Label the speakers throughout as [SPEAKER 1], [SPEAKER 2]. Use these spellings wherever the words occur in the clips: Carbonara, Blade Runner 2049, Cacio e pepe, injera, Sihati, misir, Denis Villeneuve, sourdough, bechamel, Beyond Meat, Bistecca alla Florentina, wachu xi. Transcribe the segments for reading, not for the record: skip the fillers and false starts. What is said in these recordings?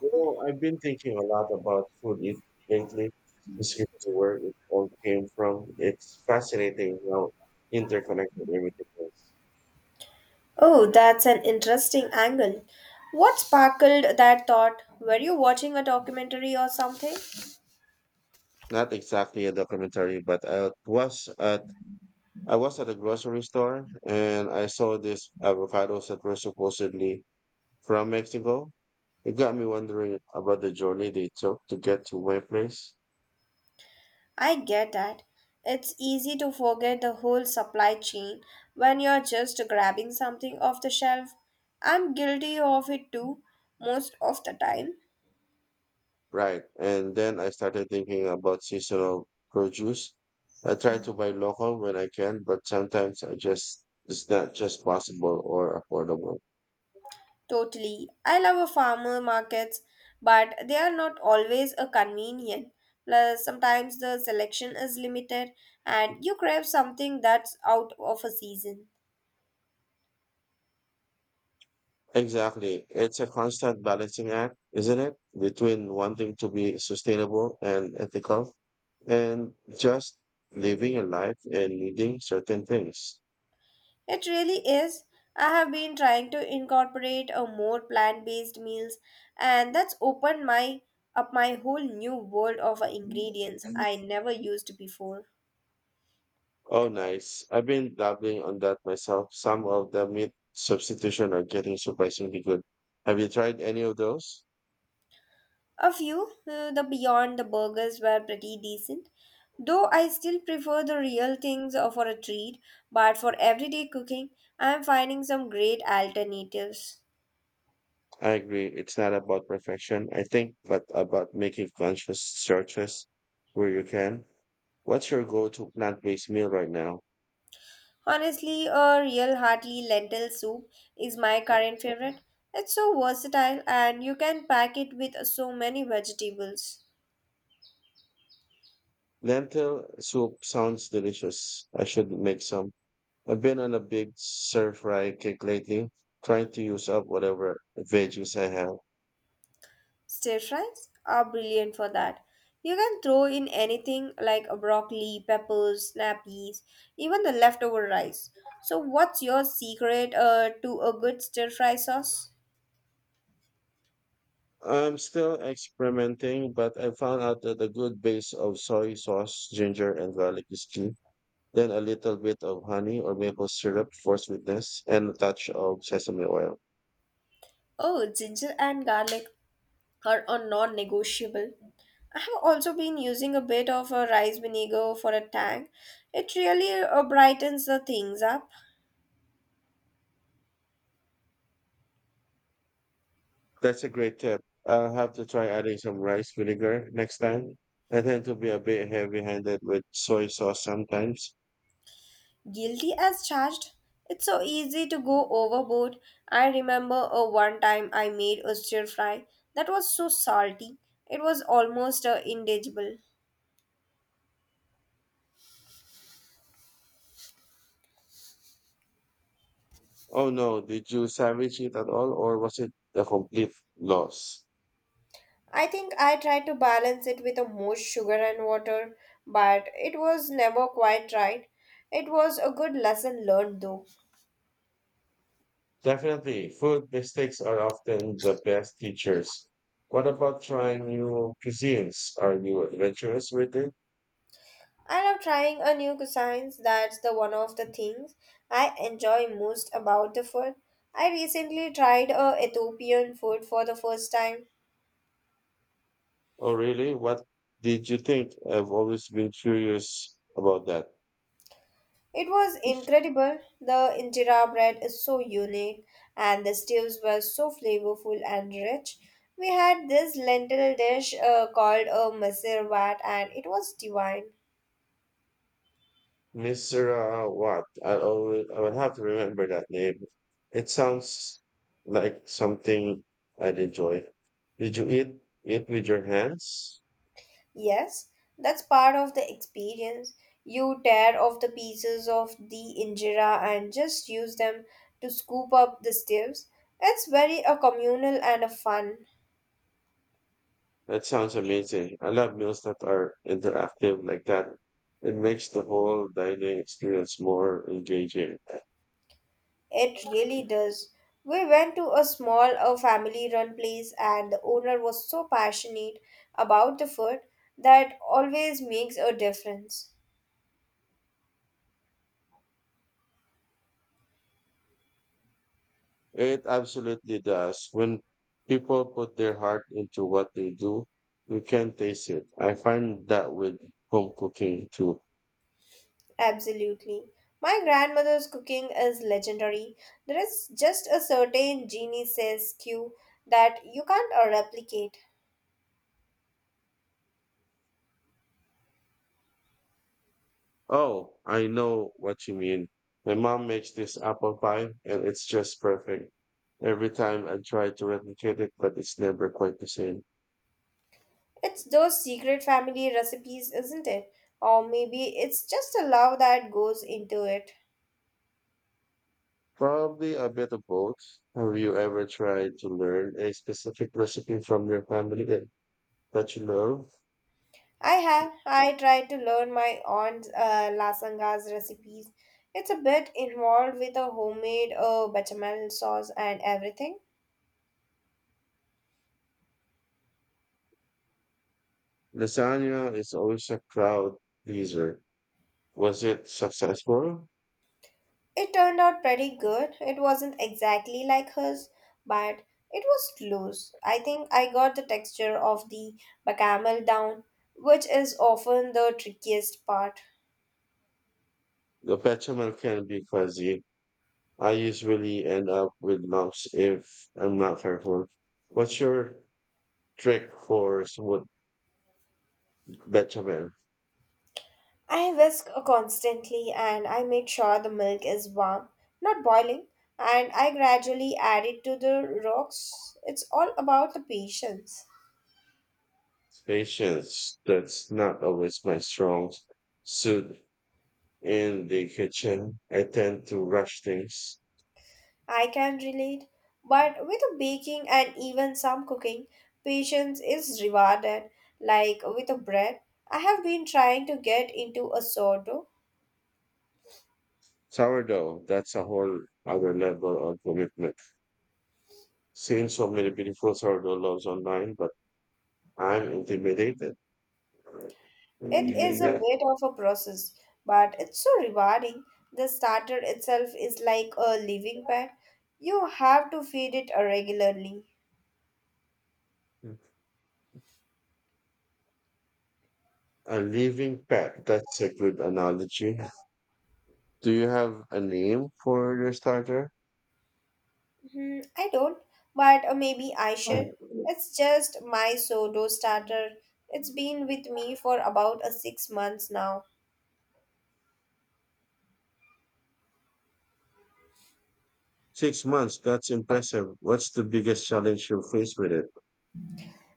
[SPEAKER 1] You know, I've been thinking a lot about food it lately, specifically where it all came from. It's fascinating how interconnected everything is.
[SPEAKER 2] Oh, that's an interesting angle. What sparkled that thought? Were you watching a documentary or something?
[SPEAKER 1] Not exactly a documentary, but I was at a grocery store and I saw these avocados that were supposedly from Mexico. It got me wondering about the journey they took to get to my place.
[SPEAKER 2] I get that. It's easy to forget the whole supply chain when you're just grabbing something off the shelf. I'm guilty of it too, most of the time.
[SPEAKER 1] Right. And then I started thinking about seasonal produce. I try to buy local when I can, but sometimes I just it's not just possible or affordable.
[SPEAKER 2] Totally. I love a farmer markets, but they are not always a convenient. Plus, sometimes the selection is limited and you crave something that's out of a season.
[SPEAKER 1] Exactly. It's a constant balancing act, isn't it? Between wanting to be sustainable and ethical and just living a life and needing certain things.
[SPEAKER 2] It really is. I have been trying to incorporate a more plant-based meals and that's opened my up my whole new world of ingredients I never used before.
[SPEAKER 1] Oh, nice. I've been dabbling on that myself. Some of the meat substitution are getting surprisingly good. Have you tried any of those?
[SPEAKER 2] A few, the beyond the burgers were pretty decent, though I still prefer the real things for a treat, but for everyday cooking, I am finding some great alternatives.
[SPEAKER 1] I agree. It's not about perfection, I think, but about making conscious searches where you can. What's your go-to plant-based meal right now?
[SPEAKER 2] Honestly, a real hearty lentil soup is my current favorite. It's so versatile and you can pack it with so many vegetables.
[SPEAKER 1] Lentil soup sounds delicious. I should make some. I've been on a big stir-fry kick lately, trying to use up whatever veggies I have.
[SPEAKER 2] Stir fries are brilliant for that. You can throw in anything like a broccoli, peppers, snappies, even the leftover rice. So, what's your secret to a good stir fry sauce?
[SPEAKER 1] I'm still experimenting, but I found out that a good base of soy sauce, ginger, and garlic is key. Then a little bit of honey or maple syrup for sweetness, and a touch of sesame oil.
[SPEAKER 2] Oh, ginger and garlic are a non negotiable. I have also been using a bit of a rice vinegar for a tang. It really brightens the things up.
[SPEAKER 1] That's a great tip. I'll have to try adding some rice vinegar next time. I tend to be a bit heavy-handed with soy sauce sometimes.
[SPEAKER 2] Guilty as charged. It's so easy to go overboard. I remember one time I made a stir fry that was so salty. It was almost indigestible.
[SPEAKER 1] Oh no, did you savage it at all, or was it a complete loss?
[SPEAKER 2] I think I tried to balance it with a more sugar and water, but it was never quite right. It was a good lesson learned though.
[SPEAKER 1] Definitely, food mistakes are often the best teachers. What about trying new cuisines? Are you adventurous with it?
[SPEAKER 2] I love trying a new cuisines. That's the one of the things I enjoy most about the food. I recently tried a Ethiopian food for the first time.
[SPEAKER 1] Oh, really? What did you think? I've always been curious about that.
[SPEAKER 2] It was incredible. The injera bread is so unique and the stews were so flavorful and rich. We had this lentil dish called a misir and it was divine.
[SPEAKER 1] Misra what? I would have to remember that name. It sounds like something I'd enjoy. Did you eat it with your hands?
[SPEAKER 2] Yes, that's part of the experience. You tear off the pieces of the injera and just use them to scoop up the stews. It's very a communal and a fun.
[SPEAKER 1] That sounds amazing. I love meals that are interactive like that. It makes the whole dining experience more engaging.
[SPEAKER 2] It really does. We went to a small a family-run place and the owner was so passionate about the food that always makes a difference.
[SPEAKER 1] It absolutely does. When people put their heart into what they do, you can taste it. I find that with home cooking too.
[SPEAKER 2] Absolutely. My grandmother's cooking is legendary. There is just a certain genie says cue that you can't replicate.
[SPEAKER 1] Oh, I know what you mean. My mom makes this apple pie and it's just perfect. Every time I try to replicate it, but it's never quite the same.
[SPEAKER 2] It's those secret family recipes, isn't it? Or maybe it's just a love that goes into it.
[SPEAKER 1] Probably a bit of both. Have you ever tried to learn a specific recipe from your family that you love?
[SPEAKER 2] I have. I tried to learn my aunt's lasanga's recipes. It's a bit involved with a homemade bechamel sauce and everything.
[SPEAKER 1] Lasagna is always a crowd pleaser. Was it successful?
[SPEAKER 2] It turned out pretty good. It wasn't exactly like hers, but it was close. I think I got the texture of the bacamel down, which is often the trickiest part.
[SPEAKER 1] The bechamel can be fuzzy. I usually end up with lumps if I'm not careful. What's your trick for smooth bechamel?
[SPEAKER 2] I whisk constantly and I make sure the milk is warm, not boiling, and I gradually add it to the rocks. It's all about the patience.
[SPEAKER 1] Patience. That's not always my strong suit in the kitchen. I tend to rush things.
[SPEAKER 2] I can relate, but with baking and even some cooking, patience is rewarded. Like with a bread, I have been trying to get into a sourdough.
[SPEAKER 1] Sourdough, that's a whole other level of commitment. Seen so many beautiful sourdough loaves online, but I'm intimidated.
[SPEAKER 2] It is a
[SPEAKER 1] Yeah.
[SPEAKER 2] bit of a process, but it's so rewarding. The starter itself is like a living pet. You have to feed it regularly.
[SPEAKER 1] A living pet, that's a good analogy. Do you have a name for your starter?
[SPEAKER 2] Hmm, I don't, but maybe I should. It's just my sourdough starter. It's been with me for about a 6 months now.
[SPEAKER 1] 6 months, that's impressive. What's the biggest challenge you face with it?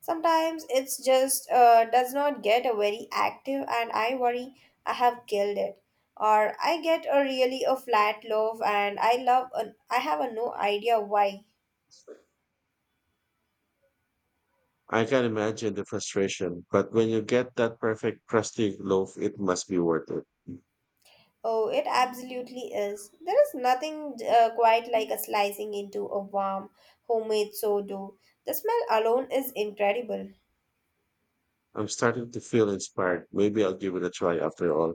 [SPEAKER 2] Sometimes it's just does not get a very active, and I worry I have killed it, or I get a really a flat loaf, and I love an, I have a no idea why.
[SPEAKER 1] I can imagine the frustration, but when you get that perfect crusty loaf, it must be worth it.
[SPEAKER 2] Oh, it absolutely is. There is nothing quite like a slicing into a warm homemade sourdough. The smell alone is incredible.
[SPEAKER 1] I'm starting to feel inspired. Maybe I'll give it a try after all.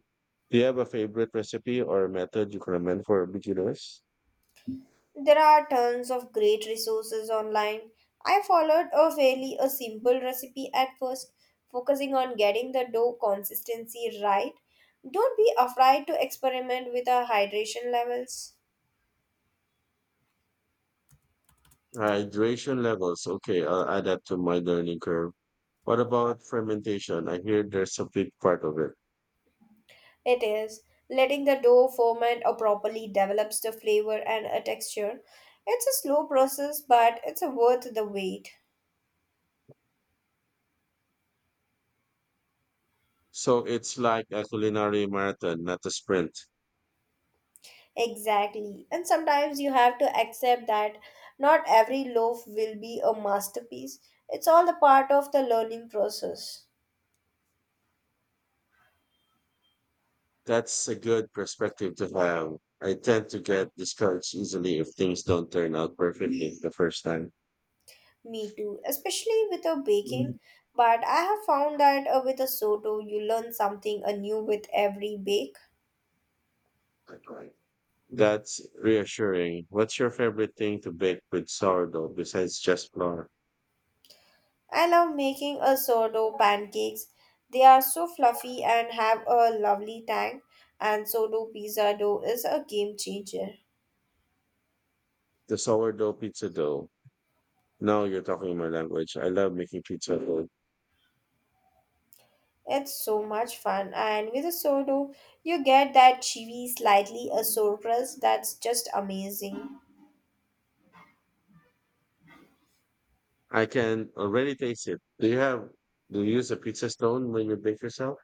[SPEAKER 1] Do you have a favorite recipe or method you can recommend for beginners?
[SPEAKER 2] There are tons of great resources online. I followed a fairly a simple recipe at first, focusing on getting the dough consistency right. Don't be afraid to experiment with the hydration levels.
[SPEAKER 1] Hydration levels. Okay, I'll add that to my learning curve. What about fermentation? I hear there's a big part of it.
[SPEAKER 2] It is letting the dough ferment or properly develops the flavor and a texture. It's a slow process, but it's worth the wait.
[SPEAKER 1] So it's like a culinary marathon, not a sprint.
[SPEAKER 2] Exactly. And sometimes you have to accept that not every loaf will be a masterpiece. It's all the part of the learning process.
[SPEAKER 1] That's a good perspective to have. I tend to get discouraged easily if things don't turn out perfectly the first time.
[SPEAKER 2] Me too, especially with a baking. But I have found that with a sourdough, you learn something anew with every bake.
[SPEAKER 1] Mm. That's reassuring. What's your favorite thing to bake with sourdough besides just flour?
[SPEAKER 2] I love making a sourdough pancakes. They are so fluffy and have a lovely tang. And sourdough pizza dough is a game changer.
[SPEAKER 1] The sourdough pizza dough. Now you're talking my language. I love making pizza dough.
[SPEAKER 2] It's so much fun, and with a solo, you get that chewy, slightly a surprise that's just amazing.
[SPEAKER 1] I can already taste it. Do you use a pizza stone when you bake yourself?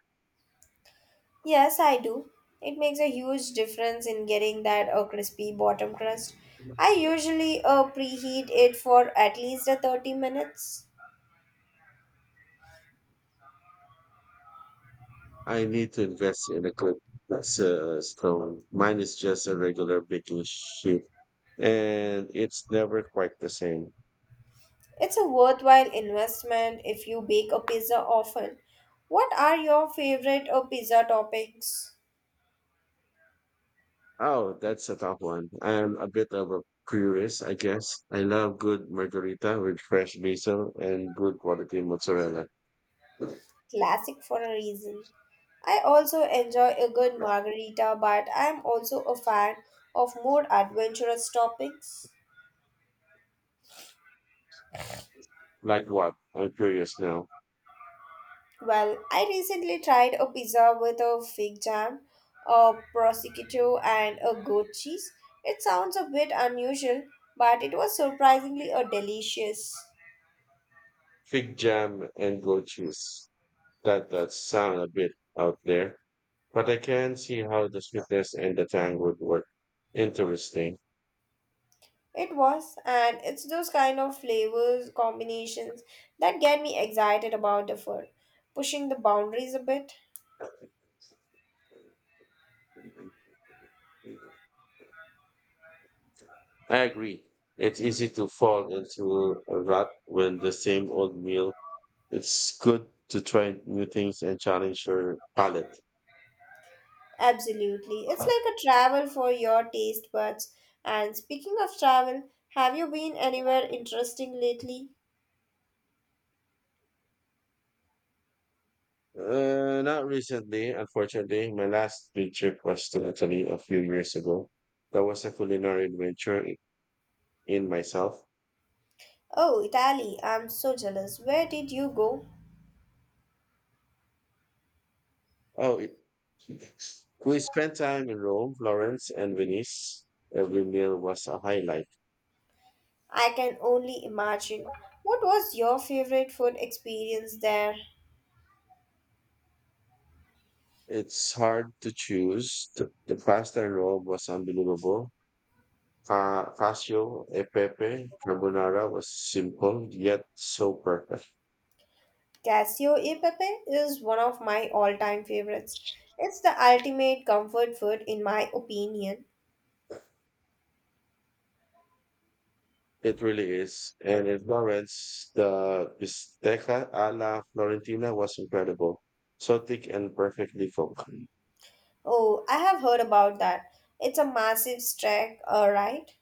[SPEAKER 2] Yes, I do. It makes a huge difference in getting that a crispy bottom crust. I usually preheat it for at least a 30 minutes.
[SPEAKER 1] I need to invest in a good pizza stone. Mine is just a regular baking sheet, and it's never quite the same.
[SPEAKER 2] It's a worthwhile investment if you bake a pizza often. What are your favorite pizza toppings?
[SPEAKER 1] Oh, that's a tough one. I'm a bit of a purist, I guess. I love good margarita with fresh basil and good quality mozzarella.
[SPEAKER 2] Classic for a reason. I also enjoy a good margarita, but I am also a fan of more adventurous toppings.
[SPEAKER 1] Like what? I'm curious now.
[SPEAKER 2] Well, I recently tried a pizza with a fig jam, a prosciutto, and a goat cheese. It sounds a bit unusual, but it was surprisingly a delicious.
[SPEAKER 1] Fig jam and goat cheese. That does sound a bit out there, but I can see how the sweetness and the tang would work. Interesting.
[SPEAKER 2] It was, and it's those kind of flavors combinations that get me excited about the food, pushing the boundaries a bit.
[SPEAKER 1] I agree. It's easy to fall into a rut when the same old meal. It's good to try new things and challenge your palate.
[SPEAKER 2] Absolutely. It's like a travel for your taste buds. And speaking of travel, have you been anywhere interesting lately?
[SPEAKER 1] Not recently, unfortunately. My last big trip was to Italy a few years ago. That was a culinary adventure in myself.
[SPEAKER 2] Oh, Italy, I'm so jealous. Where did you go?
[SPEAKER 1] Oh, it, we spent time in Rome, Florence, and Venice. Every meal was a highlight.
[SPEAKER 2] I can only imagine. What was your favorite food experience there?
[SPEAKER 1] It's hard to choose. The pasta in Rome was unbelievable. Cacio e pepe carbonara was simple yet so perfect.
[SPEAKER 2] Cassio e pepe is one of my all-time favorites. It's the ultimate comfort food in my opinion.
[SPEAKER 1] It really is. And in Florence, the bistecca alla Florentina was incredible. So thick and perfectly cooked.
[SPEAKER 2] Oh, I have heard about that. It's a massive trek, alright?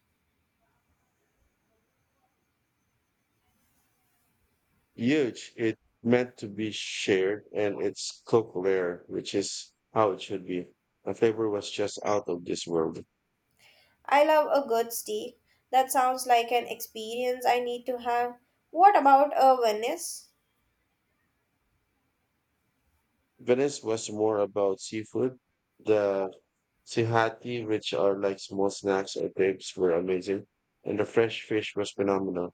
[SPEAKER 1] Huge. It meant to be shared and it's cooked rare, which is how it should be. The flavor was just out of this world.
[SPEAKER 2] I love a good steak. That sounds like an experience I need to have. What about a Venice?
[SPEAKER 1] Venice was more about seafood. The sihati, which are like small snacks or crepes, were amazing. And the fresh fish was phenomenal.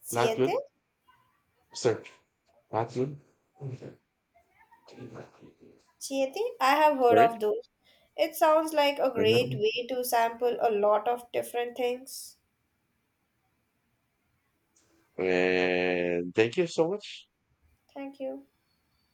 [SPEAKER 2] Siete?
[SPEAKER 1] Flatwood? Sir, flatwood?
[SPEAKER 2] Siete? I have heard
[SPEAKER 1] Sorry?
[SPEAKER 2] of those. It sounds like a great
[SPEAKER 1] Uh-huh.
[SPEAKER 2] way to sample a lot of different things.
[SPEAKER 1] And thank you so much.
[SPEAKER 2] Thank you.